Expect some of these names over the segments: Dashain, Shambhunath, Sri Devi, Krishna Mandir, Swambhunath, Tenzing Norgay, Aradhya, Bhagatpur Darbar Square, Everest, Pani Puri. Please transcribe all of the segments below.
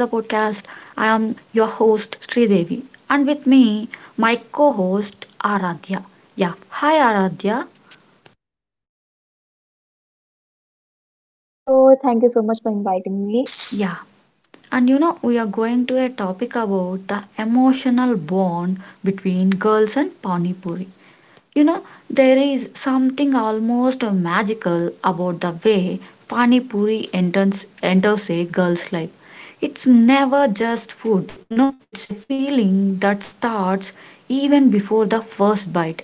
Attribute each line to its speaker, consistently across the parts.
Speaker 1: I am your host Sri Devi and with me my co-host Aradhya. Yeah, hi Aradhya.
Speaker 2: Hello, thank you so much for inviting me.
Speaker 1: Yeah. And you know we are going to a topic about the emotional bond between girls and Pani Puri. You know, there is something almost magical about the way Pani Puri enters a girl's life. It's never just food, it's a feeling that starts even before the first bite.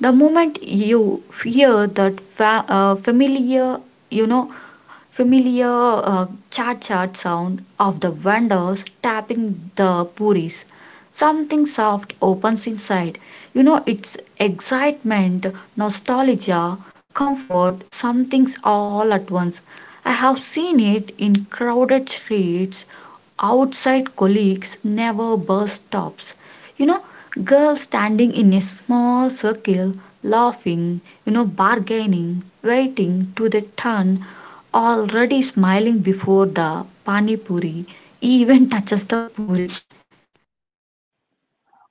Speaker 1: The moment you hear that you know, familiar chat chat sound of the vendors tapping the puris. Something soft opens inside. It's excitement, nostalgia, comfort, something's all at once. I have seen it in crowded streets, outside colleagues, never bus stops. You know, Girls standing in a small circle, laughing, bargaining, waiting to their turn already smiling before the pani puri even touches the puri.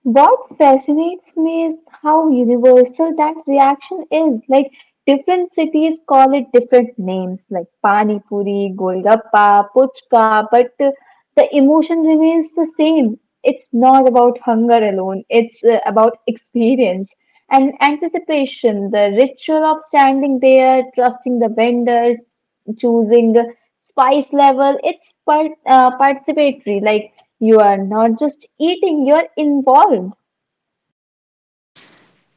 Speaker 2: What fascinates me is how universal that reaction is. Like different cities call it different names, like Pani Puri, Golgappa, Puchka, but the emotion remains the same. It's not about hunger alone, it's about experience and anticipation, the ritual of standing there, trusting the vendor, choosing the spice level it's part, participatory like you are not just eating, you're involved.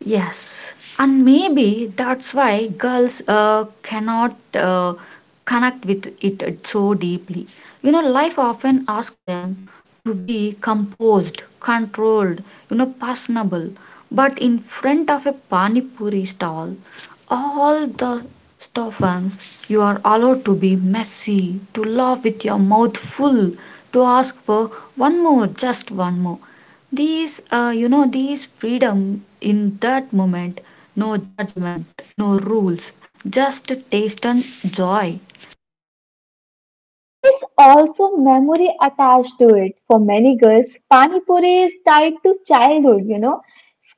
Speaker 1: Yes, and maybe that's why girls cannot connect with it so deeply. Life often asks them to be composed, controlled, personable. But in front of a pani puri stall, all the stuffings you are allowed to be messy, to laugh with your mouth full, to ask for one more, just one more. These freedom in that moment, no judgment, no rules, just taste and joy.
Speaker 2: There's also memory attached to it. For many girls, Pani Puri is tied to childhood, you know,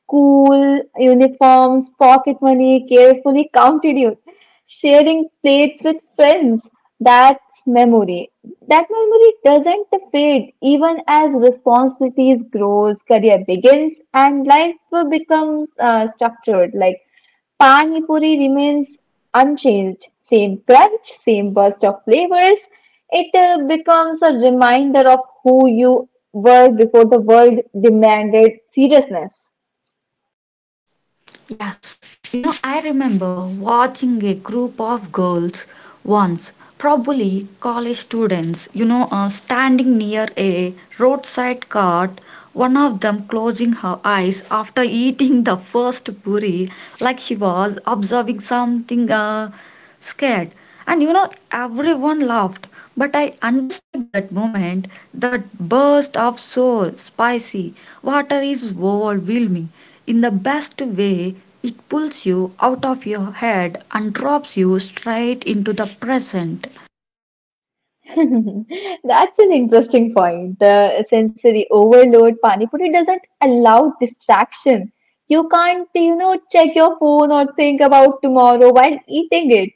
Speaker 2: school, uniforms, pocket money, carefully counted you, sharing plates with friends. That's memory. That memory doesn't fade even as responsibilities grows, career begins, and life becomes structured. Like Pani Puri remains unchanged. Same crunch, same burst of flavors. It becomes a reminder of who you were before the world demanded seriousness.
Speaker 1: Yes. I remember watching a group of girls once, probably college students, standing near a roadside cart, one of them closing her eyes after eating the first puri, like she was observing something scared. And everyone laughed. But I understood that moment, that burst of soul, spicy, water is overwhelming. In the best way, it pulls you out of your head and drops you straight into the present.
Speaker 2: That's an interesting point. The sensory overload pani puri doesn't allow distraction. You can't, you know, check your phone or think about tomorrow while eating it.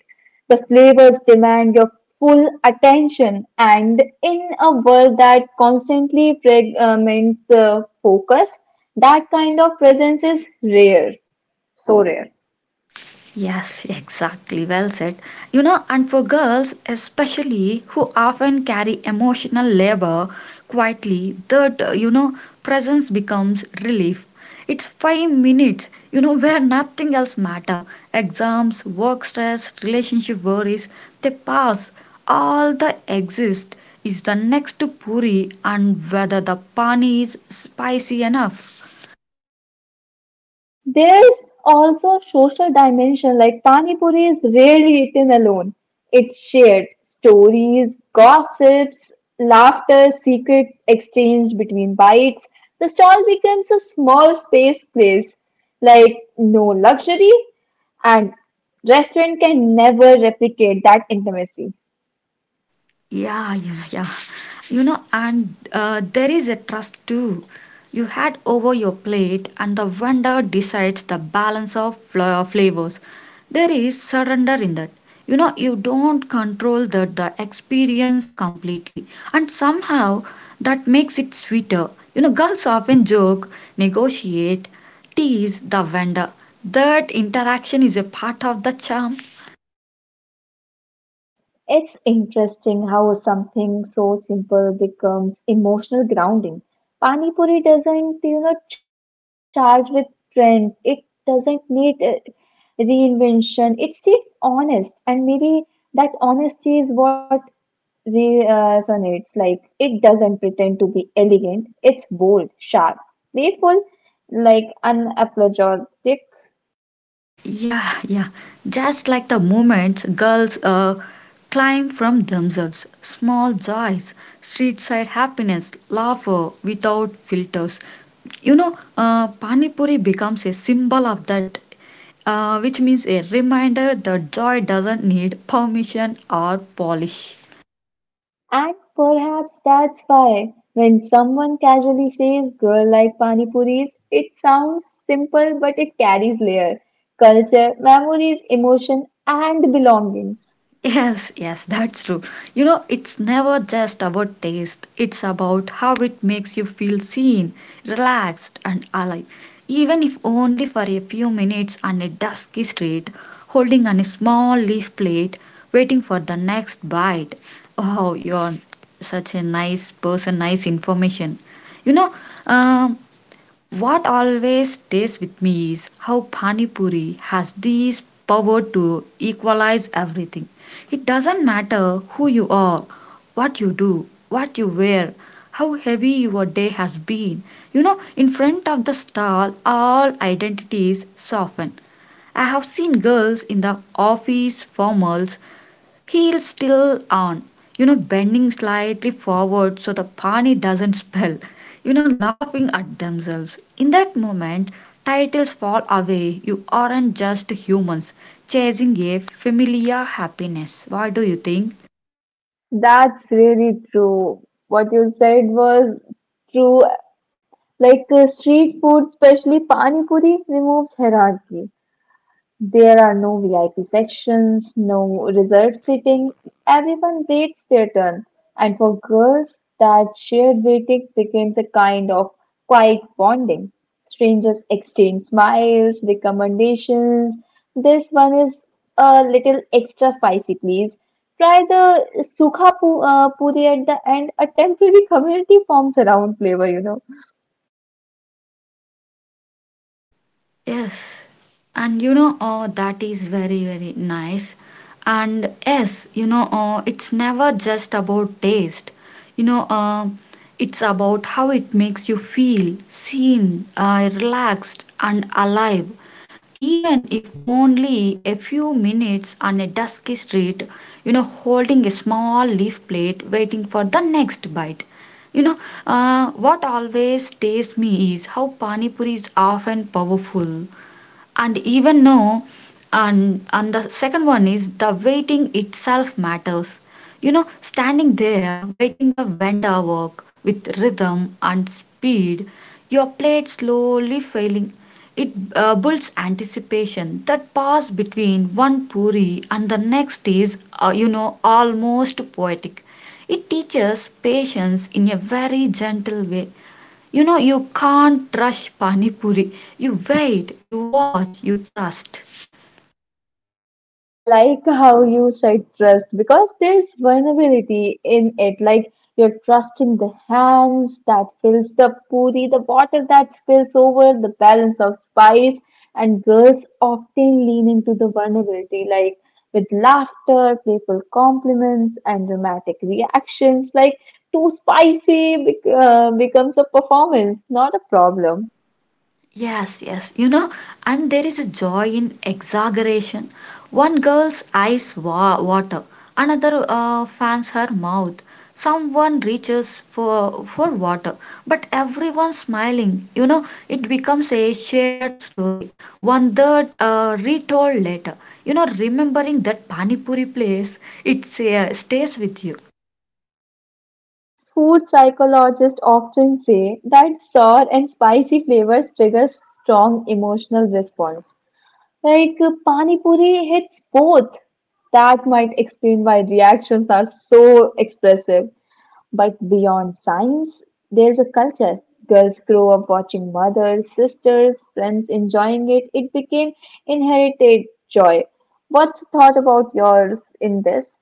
Speaker 2: The flavors demand your full attention, and in a world that constantly fragments focus, that kind of presence is rare, so rare.
Speaker 1: Yes, exactly. Well said. And for girls especially who often carry emotional labor quietly, presence becomes relief. It's 5 minutes, where nothing else matter. Exams, work stress, relationship worries, they pass. All that exists is the next puri and whether the pani is spicy enough.
Speaker 2: There's also social dimension like Pani Puri is rarely eaten alone. It's shared stories, gossips, laughter, secret exchanged between bites. The stall becomes a small space place, like no luxury, and restaurant can never replicate that intimacy.
Speaker 1: Yeah, yeah, yeah. And there is a trust too. You had over your plate, and the vendor decides the balance of flavors. There is surrender in that. You don't control the experience completely, and somehow that makes it sweeter. Girls often joke, negotiate, tease the vendor. That interaction is a part of the charm.
Speaker 2: It's interesting how something so simple becomes emotional grounding. Pani Puri doesn't, you know, charge with trends. It doesn't need reinvention. It stays honest, and maybe that honesty is what resonates. Like it doesn't pretend to be elegant. It's bold, sharp, playful, like unapologetic.
Speaker 1: Yeah, yeah. Just like the moments girls climb from themselves, small joys, street side happiness, laughter without filters. Pani Puri becomes a symbol of that, which means a reminder that joy doesn't need permission or polish.
Speaker 2: And perhaps that's why, when someone casually says girl like pani puris, it sounds simple but it carries layer, culture, memories, emotion, and belongings.
Speaker 1: Yes, yes, that's true. It's never just about taste, it's about how it makes you feel seen, relaxed, and alive. Even if only for a few minutes on a dusky street, holding on a small leaf plate, waiting for the next bite. Oh, you're such a nice person, nice information. You know, um, what always stays with me is how Pani Puri has this power to equalize everything. It doesn't matter who you are, what you do, what you wear, how heavy your day has been. In front of the stall, all identities soften. I have seen girls in the office formals. Heels still on, bending slightly forward so the Pani doesn't spill, laughing at themselves. In that moment, titles fall away. You aren't just humans chasing a familiar happiness. What do you think?
Speaker 2: That's really true. What you said was true. Like street food, especially pani puri, removes hierarchy. There are no VIP sections, no reserved seating. Everyone waits their turn. And for girls, that shared waiting becomes a kind of quiet bonding. Strangers exchange smiles, recommendations. This one is a little extra spicy, please. Try the puri at the end. A temporary community forms around flavor, you know.
Speaker 1: Yes, and oh, that is very, very nice. And yes, oh, it's never just about taste. You know, uh, it's about how it makes you feel seen, relaxed, and alive. Even if only a few minutes on a dusky street, holding a small leaf plate, waiting for the next bite. You know, what always stays me is how Pani Puri is often powerful and even know, and the second one is the waiting itself matters standing there waiting the vendor work with rhythm and speed your plate slowly filling it builds anticipation. That pause between one puri and the next is almost poetic. It teaches patience in a very gentle way. You can't rush Pani Puri. You wait, you watch, you trust.
Speaker 2: I like how you said trust because there's vulnerability in it. Like you're trusting the hands that fills the puri, the water that spills over, the balance of spice, and girls often lean into the vulnerability, like with laughter, playful compliments, and dramatic reactions. Like too spicy becomes a performance, not a problem.
Speaker 1: Yes, yes, and there is a joy in exaggeration. One girl's eyes water, another fans her mouth. Someone reaches for water, but everyone smiling. It becomes a shared story, one that retold later. Remembering that Pani Puri place, it stays with you.
Speaker 2: Food psychologists often say that sour and spicy flavors trigger strong emotional response. Like pani puri hits both. That might explain why reactions are so expressive. But beyond science, there's a culture. Girls grow up watching mothers, sisters, friends enjoying it. It became inherited joy. What's thought about yours in this?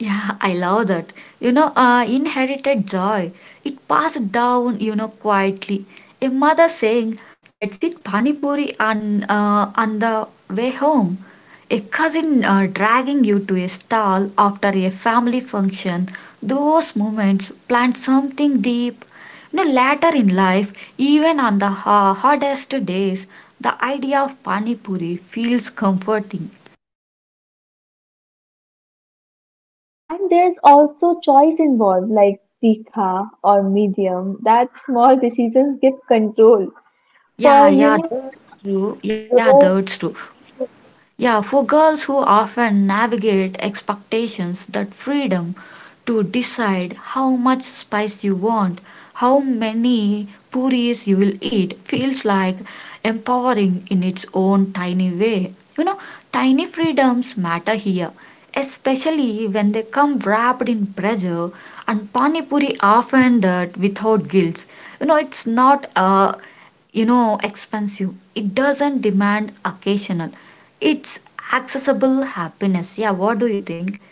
Speaker 1: Yeah, I love that. Inherited joy. It passed down, quietly. A mother saying, "Let's eat pani puri on the way home." A cousin dragging you to a stall after a family function. Those moments plant something deep. Later in life, even on the hardest days, the idea of pani puri feels comforting.
Speaker 2: And there's also choice involved, like tikha or medium, that small decisions give control. For
Speaker 1: Yeah,
Speaker 2: you
Speaker 1: yeah,
Speaker 2: know,
Speaker 1: that's true. Yeah,
Speaker 2: growth,
Speaker 1: that's true. Yeah, for girls who often navigate expectations that freedom to decide how much spice you want, how many puris you will eat feels like empowering in its own tiny way. Tiny freedoms matter here, especially when they come wrapped in pressure and pani puri often that without guilt. It's not a expensive. It doesn't demand occasional. It's accessible happiness. Yeah, what do you think?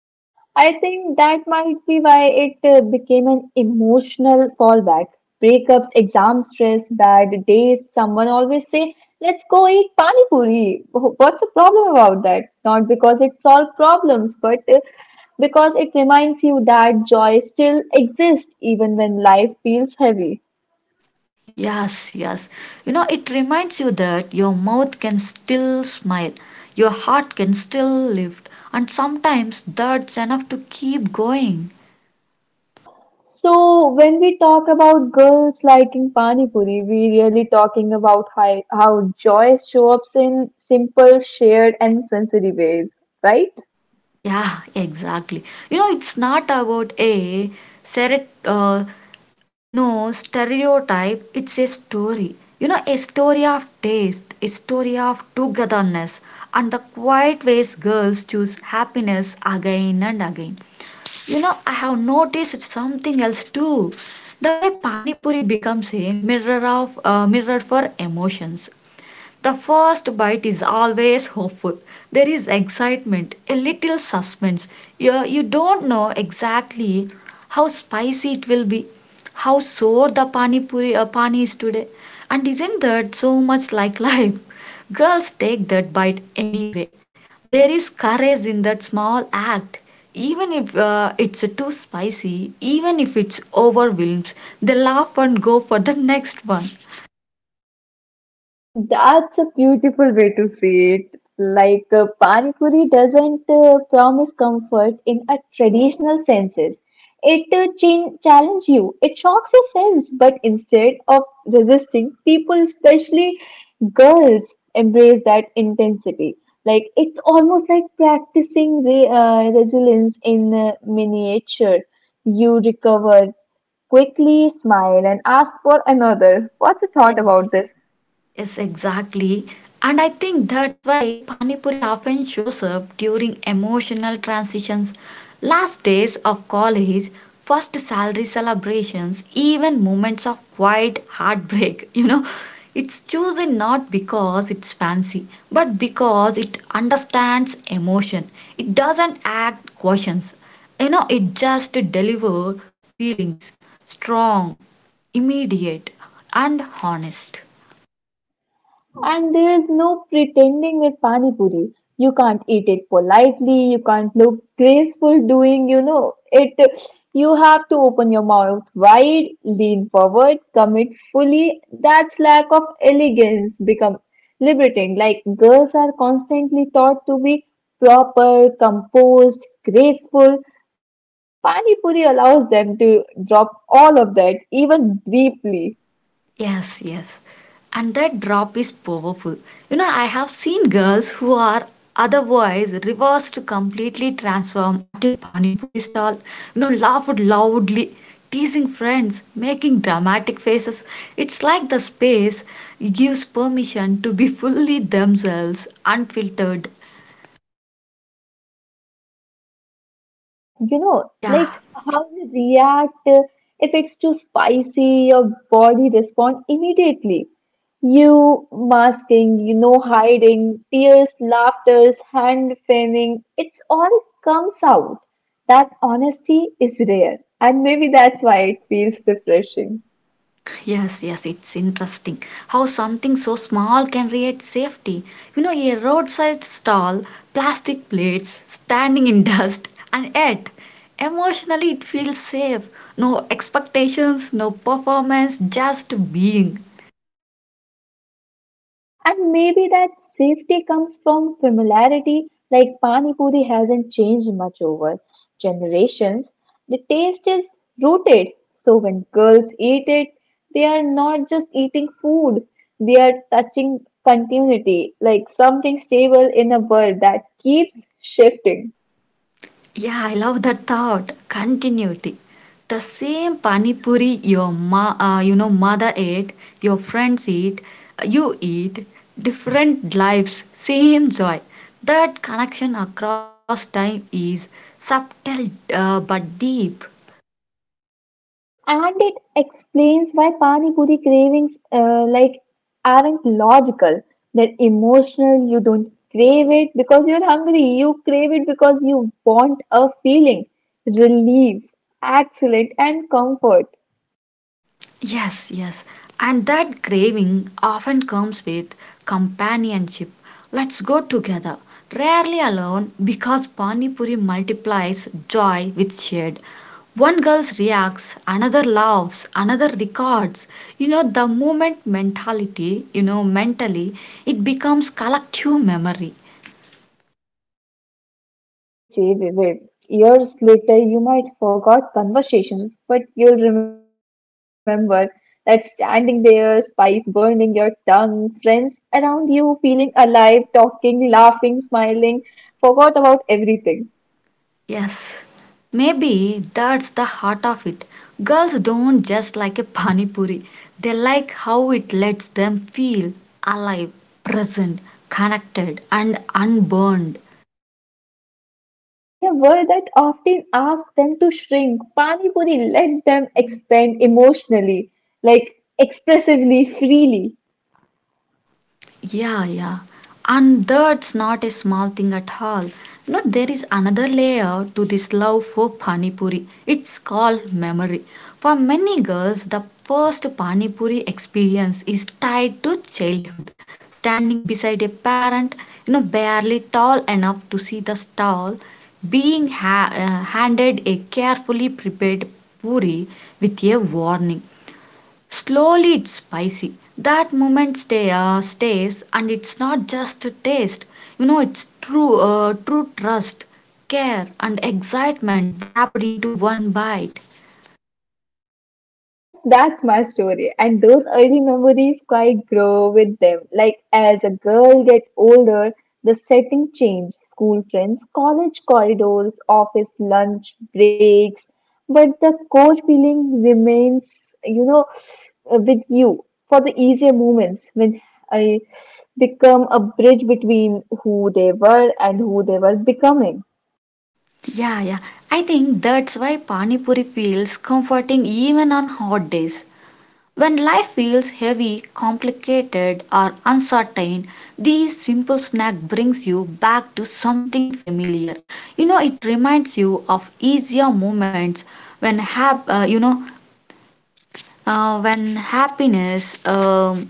Speaker 2: I think that might be why it became an emotional fallback. Breakups, exam stress, bad days. Someone always say, "Let's go eat pani puri." What's the problem about that? Not because it solves problems, but because it reminds you that joy still exists even when life feels heavy.
Speaker 1: Yes, yes, it reminds you that your mouth can still smile, your heart can still lift, and sometimes that's enough to keep going.
Speaker 2: So when we talk about girls liking pani puri, we really talking about how joy shows up in simple, shared, and sensory ways, right?
Speaker 1: Yeah, exactly, it's not about a seret- uh, stereotype, it's a story. A story of taste, a story of togetherness, and the quiet ways girls choose happiness again and again. I have noticed something else too. The way Pani Puri becomes a mirror of mirror for emotions. The first bite is always hopeful. There is excitement, a little suspense. You don't know exactly how spicy it will be, how sour the pani is today. And isn't that so much like life? Girls take that bite anyway. There is courage in that small act. Even if it's too spicy, even if it's overwhelms, they laugh and go for the next one.
Speaker 2: That's a beautiful way to see it. Like Pani Puri doesn't promise comfort in a traditional senses. It challenges you. It shocks your sense. But instead of resisting, people, especially girls, embrace that intensity. Like it's almost like practicing resilience in miniature. You recover quickly, smile, and ask for another. What's your thought about this?
Speaker 1: Yes, exactly. And I think that's why Pani Puri often shows up during emotional transitions, last days of college, first salary celebrations, even moments of quiet heartbreak. It's chosen not because it's fancy, but because it understands emotion. It doesn't act questions. It just delivers feelings strong, immediate, and honest.
Speaker 2: And there is no pretending with Pani Puri. You can't eat it politely, you can't look graceful doing, you know, it. You have to open your mouth wide, lean forward, commit fully. That's lack of elegance become liberating. Like girls are constantly taught to be proper, composed, graceful. Pani Puri allows them to drop all of that, even deeply.
Speaker 1: Yes, yes. And that drop is powerful. I have seen girls who are otherwise reversed completely transform at a pani puri stall, laughed loudly, teasing friends, making dramatic faces. It's like the space gives permission to be fully themselves, unfiltered.
Speaker 2: There is also honesty in that, you know,
Speaker 1: Yeah.
Speaker 2: like how you react if it's too spicy, your body responds immediately. You masking, you know, hiding, tears, laughters, hand fanning, it's all comes out. That honesty is rare, and maybe that's why it feels refreshing.
Speaker 1: Yes, yes, it's interesting how something so small can create safety. A roadside stall, plastic plates, standing in dust, and yet emotionally it feels safe. No expectations, no performance, just being.
Speaker 2: And maybe that safety comes from familiarity, like Pani Puri hasn't changed much over generations. The taste is rooted, so when girls eat it, they are not just eating food, they are touching continuity, like something stable in a world that keeps shifting.
Speaker 1: Yeah, I love that thought. Continuity. The same pani puri your mother ate, your friends eat, you eat, different lives, same joy. That connection across time is subtle but deep.
Speaker 2: And it explains why Pani Puri cravings like aren't logical. They're emotional. You don't crave it because you're hungry. You crave it because you want a feeling, relief, excellent, and comfort.
Speaker 1: Yes, yes. And that craving often comes with companionship. Let's go together. Rarely alone because Pani Puri multiplies joy with shared. One girl reacts, another laughs, another records. The movement mentality, mentally, it becomes collective memory.
Speaker 2: Those memories stay vivid. Years later, you might forget conversations, but you'll remember that standing there, spice burning your tongue, friends around you feeling alive, talking, laughing, smiling, forgot about everything.
Speaker 1: Yes, maybe that's the heart of it. Girls don't just like a pani puri. They like how it lets them feel alive, present, connected and unburned.
Speaker 2: Yes, in a world that often asks them to shrink, Pani Puri let them expand emotionally, like expressively, freely.
Speaker 1: Yeah, yeah. And that's not a small thing at all. No, there is another layer to this love for Pani Puri. It's called memory. For many girls, the first Pani Puri experience is tied to childhood. Standing beside a parent, barely tall enough to see the stall, being handed a carefully prepared puri with a warning, "Slowly, it's spicy." That moment stays, and it's not just a taste. You know, it's true trust, care, and excitement wrapped into one bite.
Speaker 2: Yes, that's my story. And those early memories quite grow with them. Like as a girl get older, the setting changed. School friends, college corridors, office lunch breaks, but the core feeling remains, you know, with you for the easier moments when I become a bridge between who they were and who they were becoming.
Speaker 1: Yeah, yeah. I think that's why Pani Puri feels comforting even on hot days. When life feels heavy, complicated, or uncertain, this simple snack brings you back to something familiar. It reminds you of easier moments when hap- uh, you know when happiness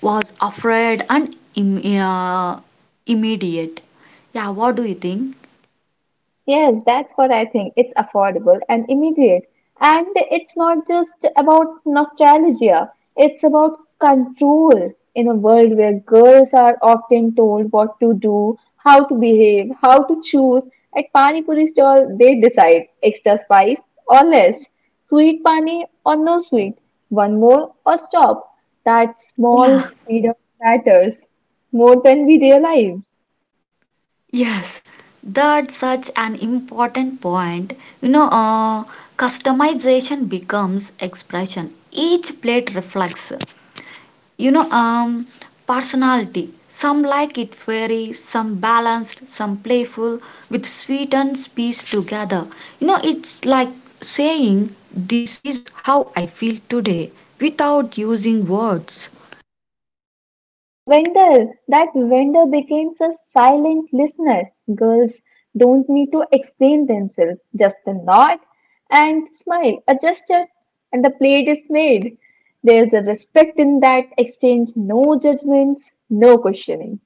Speaker 1: was afraid and immediate. Yeah, what do you think?
Speaker 2: Yes, that's what I think. It's affordable and immediate. And it's not just about nostalgia, it's about control in a world where girls are often told what to do, how to behave, how to choose. At Pani Puri stall, they decide extra spice or less, sweet pani or no sweet, one more or stop. That small
Speaker 1: Yeah.
Speaker 2: freedom matters more than we realize.
Speaker 1: Yes, that's such an important point. You know, uh, Customization becomes expression. Each plate reflects, you know, um, personality. Some like it fairy, some balanced, some playful, with sweet and spice together. It's like saying, "This is how I feel today," without using words.
Speaker 2: And the vendor, that vendor becomes a silent listener. Girls don't need to explain themselves, just a nod and smile, a gesture, and the plate is made. There's a respect in that exchange, no judgments, no questioning.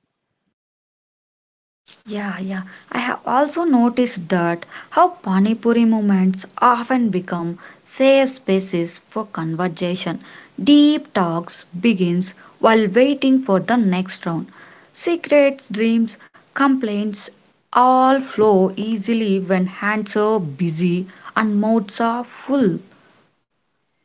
Speaker 1: Yeah, yeah. I have also noticed that how Panipuri movements often become safe spaces for conversation. Deep talks begins while waiting for the next round. Secrets, dreams, complaints all flow easily when hands are busy and mouths are full.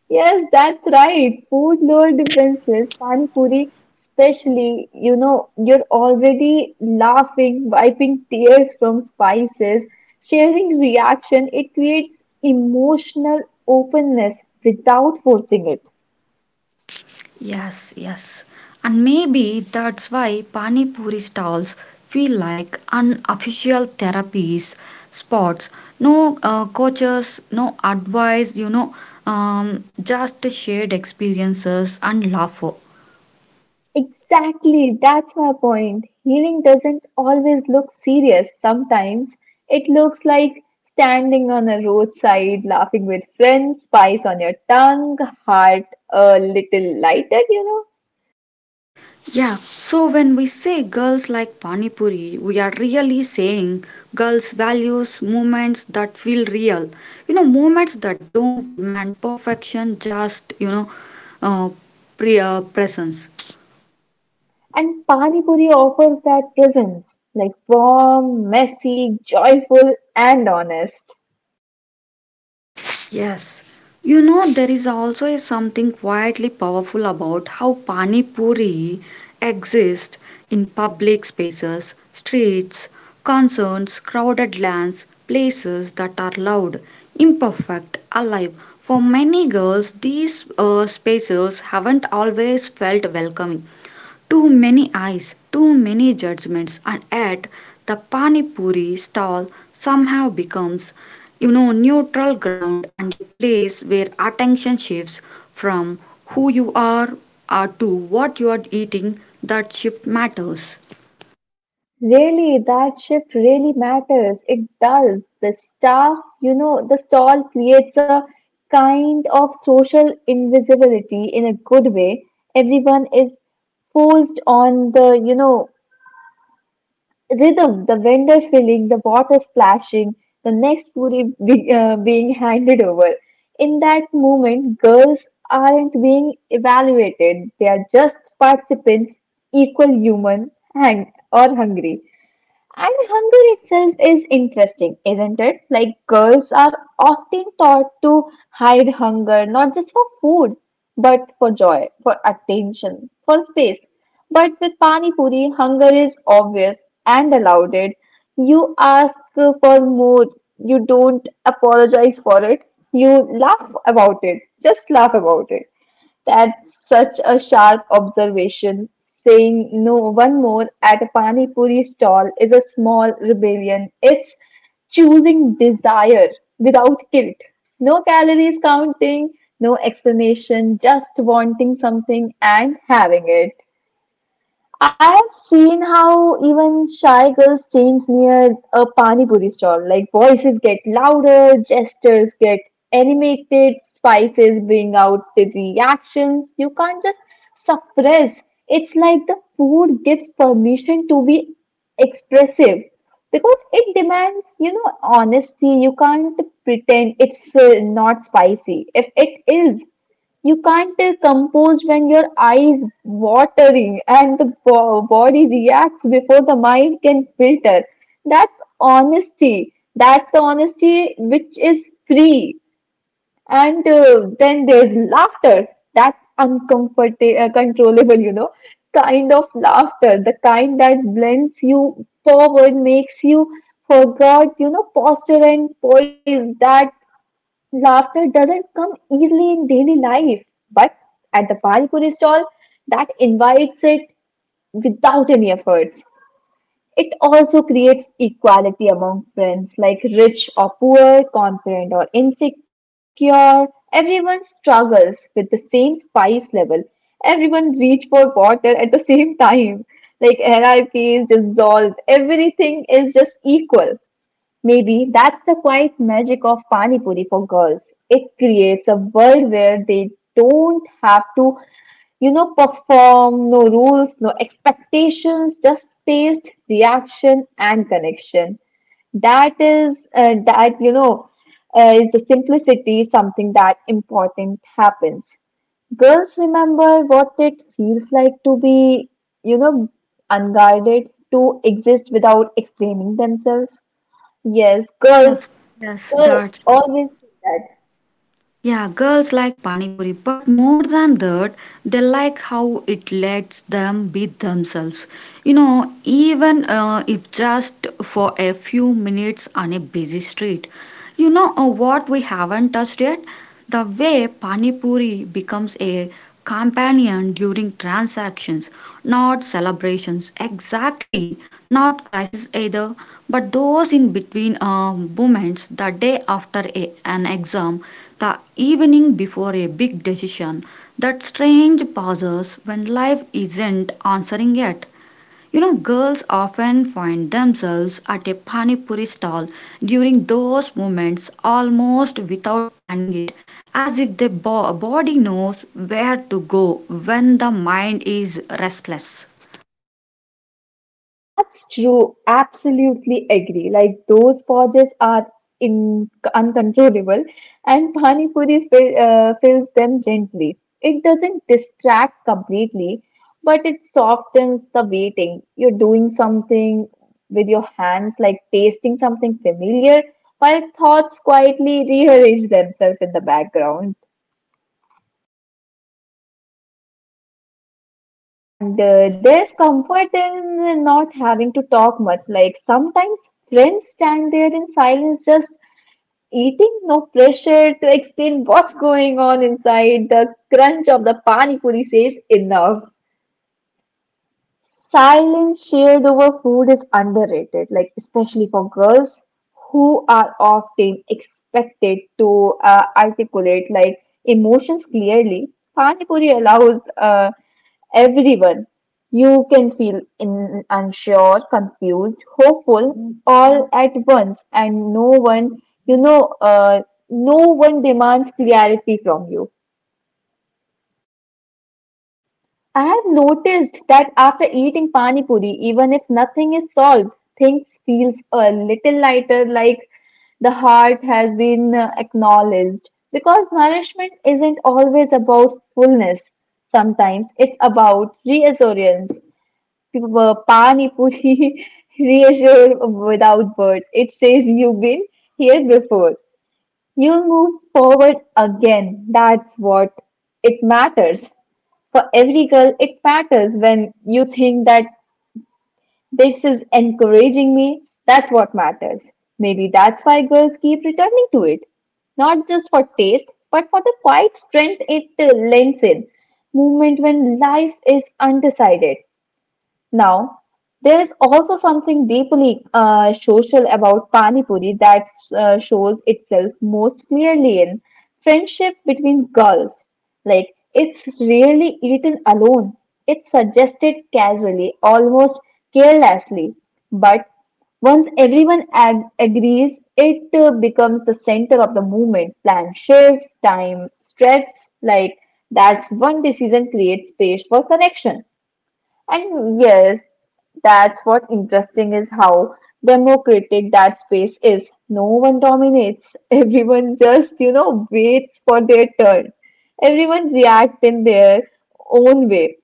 Speaker 2: Yes, that's right. Food lure defenses, Pani Puri especially, you know, you're already laughing, wiping tears from spices, sharing reaction. It creates emotional openness without forcing it.
Speaker 1: Yes, yes. And maybe that's why Pani Puri stalls feel like unofficial therapies spots. No coaches, no advice, just shared experiences and laughter.
Speaker 2: Exactly, that's my point. Healing doesn't always look serious. Sometimes it looks like standing on a roadside, laughing with friends, spice on your tongue, heart a little lighter, you know.
Speaker 1: Yeah, so when we say girls like Pani Puri, we are really saying girls' values, movements that feel real. Movements that don't demand perfection, just, uh, presence.
Speaker 2: And Pani Puri offers that presence, like warm, messy, joyful, and honest.
Speaker 1: Yes. There is also a something quietly powerful about how Pani Puri exists in public spaces, streets, concerts, crowded lands, places that are loud, imperfect, alive. For many girls, these spaces haven't always felt welcoming. Too many eyes, too many judgments, and yet the pani puri stall somehow becomes, neutral ground and a place where attention shifts from who you are to what you are eating. That shift matters.
Speaker 2: Really, that shift really matters. It does. The staff, you know, the stall creates a kind of social invisibility in a good way. Everyone is posed on the, you know, rhythm, the vendor filling, the water splashing, the next puri being handed over. In that moment, girls aren't being evaluated. They are just participants, equal human and or hungry. And hunger itself is interesting, isn't it? Like girls are often taught to hide hunger not just for food, but for joy, for attention, for space. But with Pani Puri, hunger is obvious and allowed. It you ask for more, you don't apologize for it, you laugh about it, just laugh about it. That's such a sharp observation. Saying no one more at a pani puri stall is a small rebellion. It's choosing desire without guilt. No calories counting, no explanation, just wanting something and having it. I have seen how even shy girls change near a Pani Puri stall. Like voices get louder, gestures get animated, spices bring out the reactions. You can't just suppress. It's like the food gives permission to be expressive because it demands, you know, honesty. You can't pretend it's not spicy. If it is, you can't compose when your eyes watering and the body reacts before the mind can filter. That's honesty. That's the honesty which is free. And then there's laughter. That's uncomfortable, controllable, you know, kind of laughter. The kind that blends you forward, makes you forgot, you know, posture and poise. That laughter doesn't come easily in daily life, but at the Panipuri stall, that invites it without any efforts. It also creates equality among friends, like rich or poor, confident or insecure. Everyone struggles with the same spice level. Everyone reach for water at the same time. Like hierarchy is dissolved. Everything is just equal. Maybe that's the quiet magic of Pani Puri for girls. It creates a world where they don't have to, you know, perform, no rules, no expectations, just taste, reaction, and connection. That is, that, you know, is the simplicity something that important happens. Girls remember what it feels like to be, you know, unguarded, to exist without explaining themselves. Yes, girls,
Speaker 1: Yes, yes.
Speaker 2: girl
Speaker 1: That's
Speaker 2: always do that.
Speaker 1: Yeah, girls like Pani Puri, but more than that, they like how it lets them be themselves. Even if just for a few minutes on a busy street. What we haven't touched yet? The way Pani Puri becomes a companion during transactions, not celebrations exactly, not crisis either, but those in between moments the day after an exam, the evening before a big decision, that strange pauses when life isn't answering yet. Girls often find themselves at a pani puri stall during those moments almost without planning it, as if their body knows where to go when the mind is restless.
Speaker 2: That's true. Absolutely agree. Like those purges are in uncontrollable, and pani puri fills them gently. It doesn't distract completely, but it softens the waiting. You're doing something with your hands, like tasting something familiar, while thoughts quietly rearrange themselves in the background. And there's comfort in not having to talk much. Like sometimes friends stand there in silence, just eating, no pressure to explain what's going on inside. The crunch of the pani puri says enough. Silence shared over food is underrated, like especially for girls who are often expected to articulate like emotions clearly. Pani Puri allows everyone. You can feel in, unsure, confused, hopeful, all at once, and no one, you know, no one demands clarity from you. I have noticed that after eating pani puri, even if nothing is solved, things feels a little lighter, like the heart has been acknowledged. Because nourishment isn't always about fullness. Sometimes it's about reassurance. Pani puri reassure without words. It says you've been here before. You'll move forward again. That's what it matters. For every girl, it matters when you think that this is encouraging me. That's what matters. Maybe that's why girls keep returning to it. Not just for taste, but for the quiet strength it lends in. Movement when life is undecided. Now, there is also something deeply social about Pani Puri that shows itself most clearly in friendship between girls. Like, it's rarely eaten alone, it's suggested casually, almost carelessly. But once everyone agrees, it becomes the center of the movement. Plan shifts, time stretches. Like, that's one decision creates space for connection. And yes, that's what interesting is how democratic that space is. No one dominates. Everyone just, you know, waits for their turn. Everyone reacts in their own way.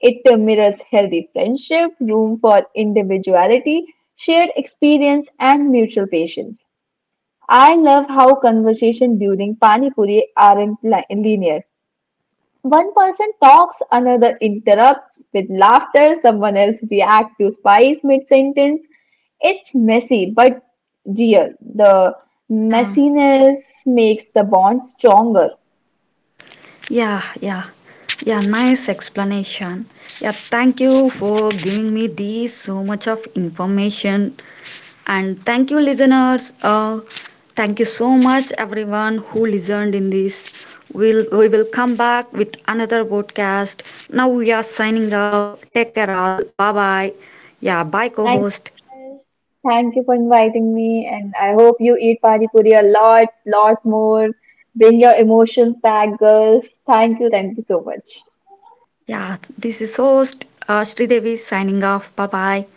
Speaker 2: It mirrors healthy friendship, room for individuality, shared experience, and mutual patience. I love how conversation during Pani Puri aren't linear. One person talks, another interrupts with laughter, someone else reacts to spice mid sentence. It's messy but real. The
Speaker 1: Yeah.
Speaker 2: messiness makes the bond stronger.
Speaker 1: Yeah, yeah, yeah, nice explanation. Yeah, thank you for giving me these so much of information. And thank you, listeners. Thank you so much, everyone who listened in this. We will come back with another podcast. Now we are signing off. Take care, all. Bye bye. Yeah, bye, co
Speaker 2: Thank
Speaker 1: host.
Speaker 2: you. Thank you for inviting me and I hope you eat pani puri a lot, lot more. Bring your emotions back, girls. Thank you so much.
Speaker 1: Yeah, this is host Sridevi signing off. Bye bye.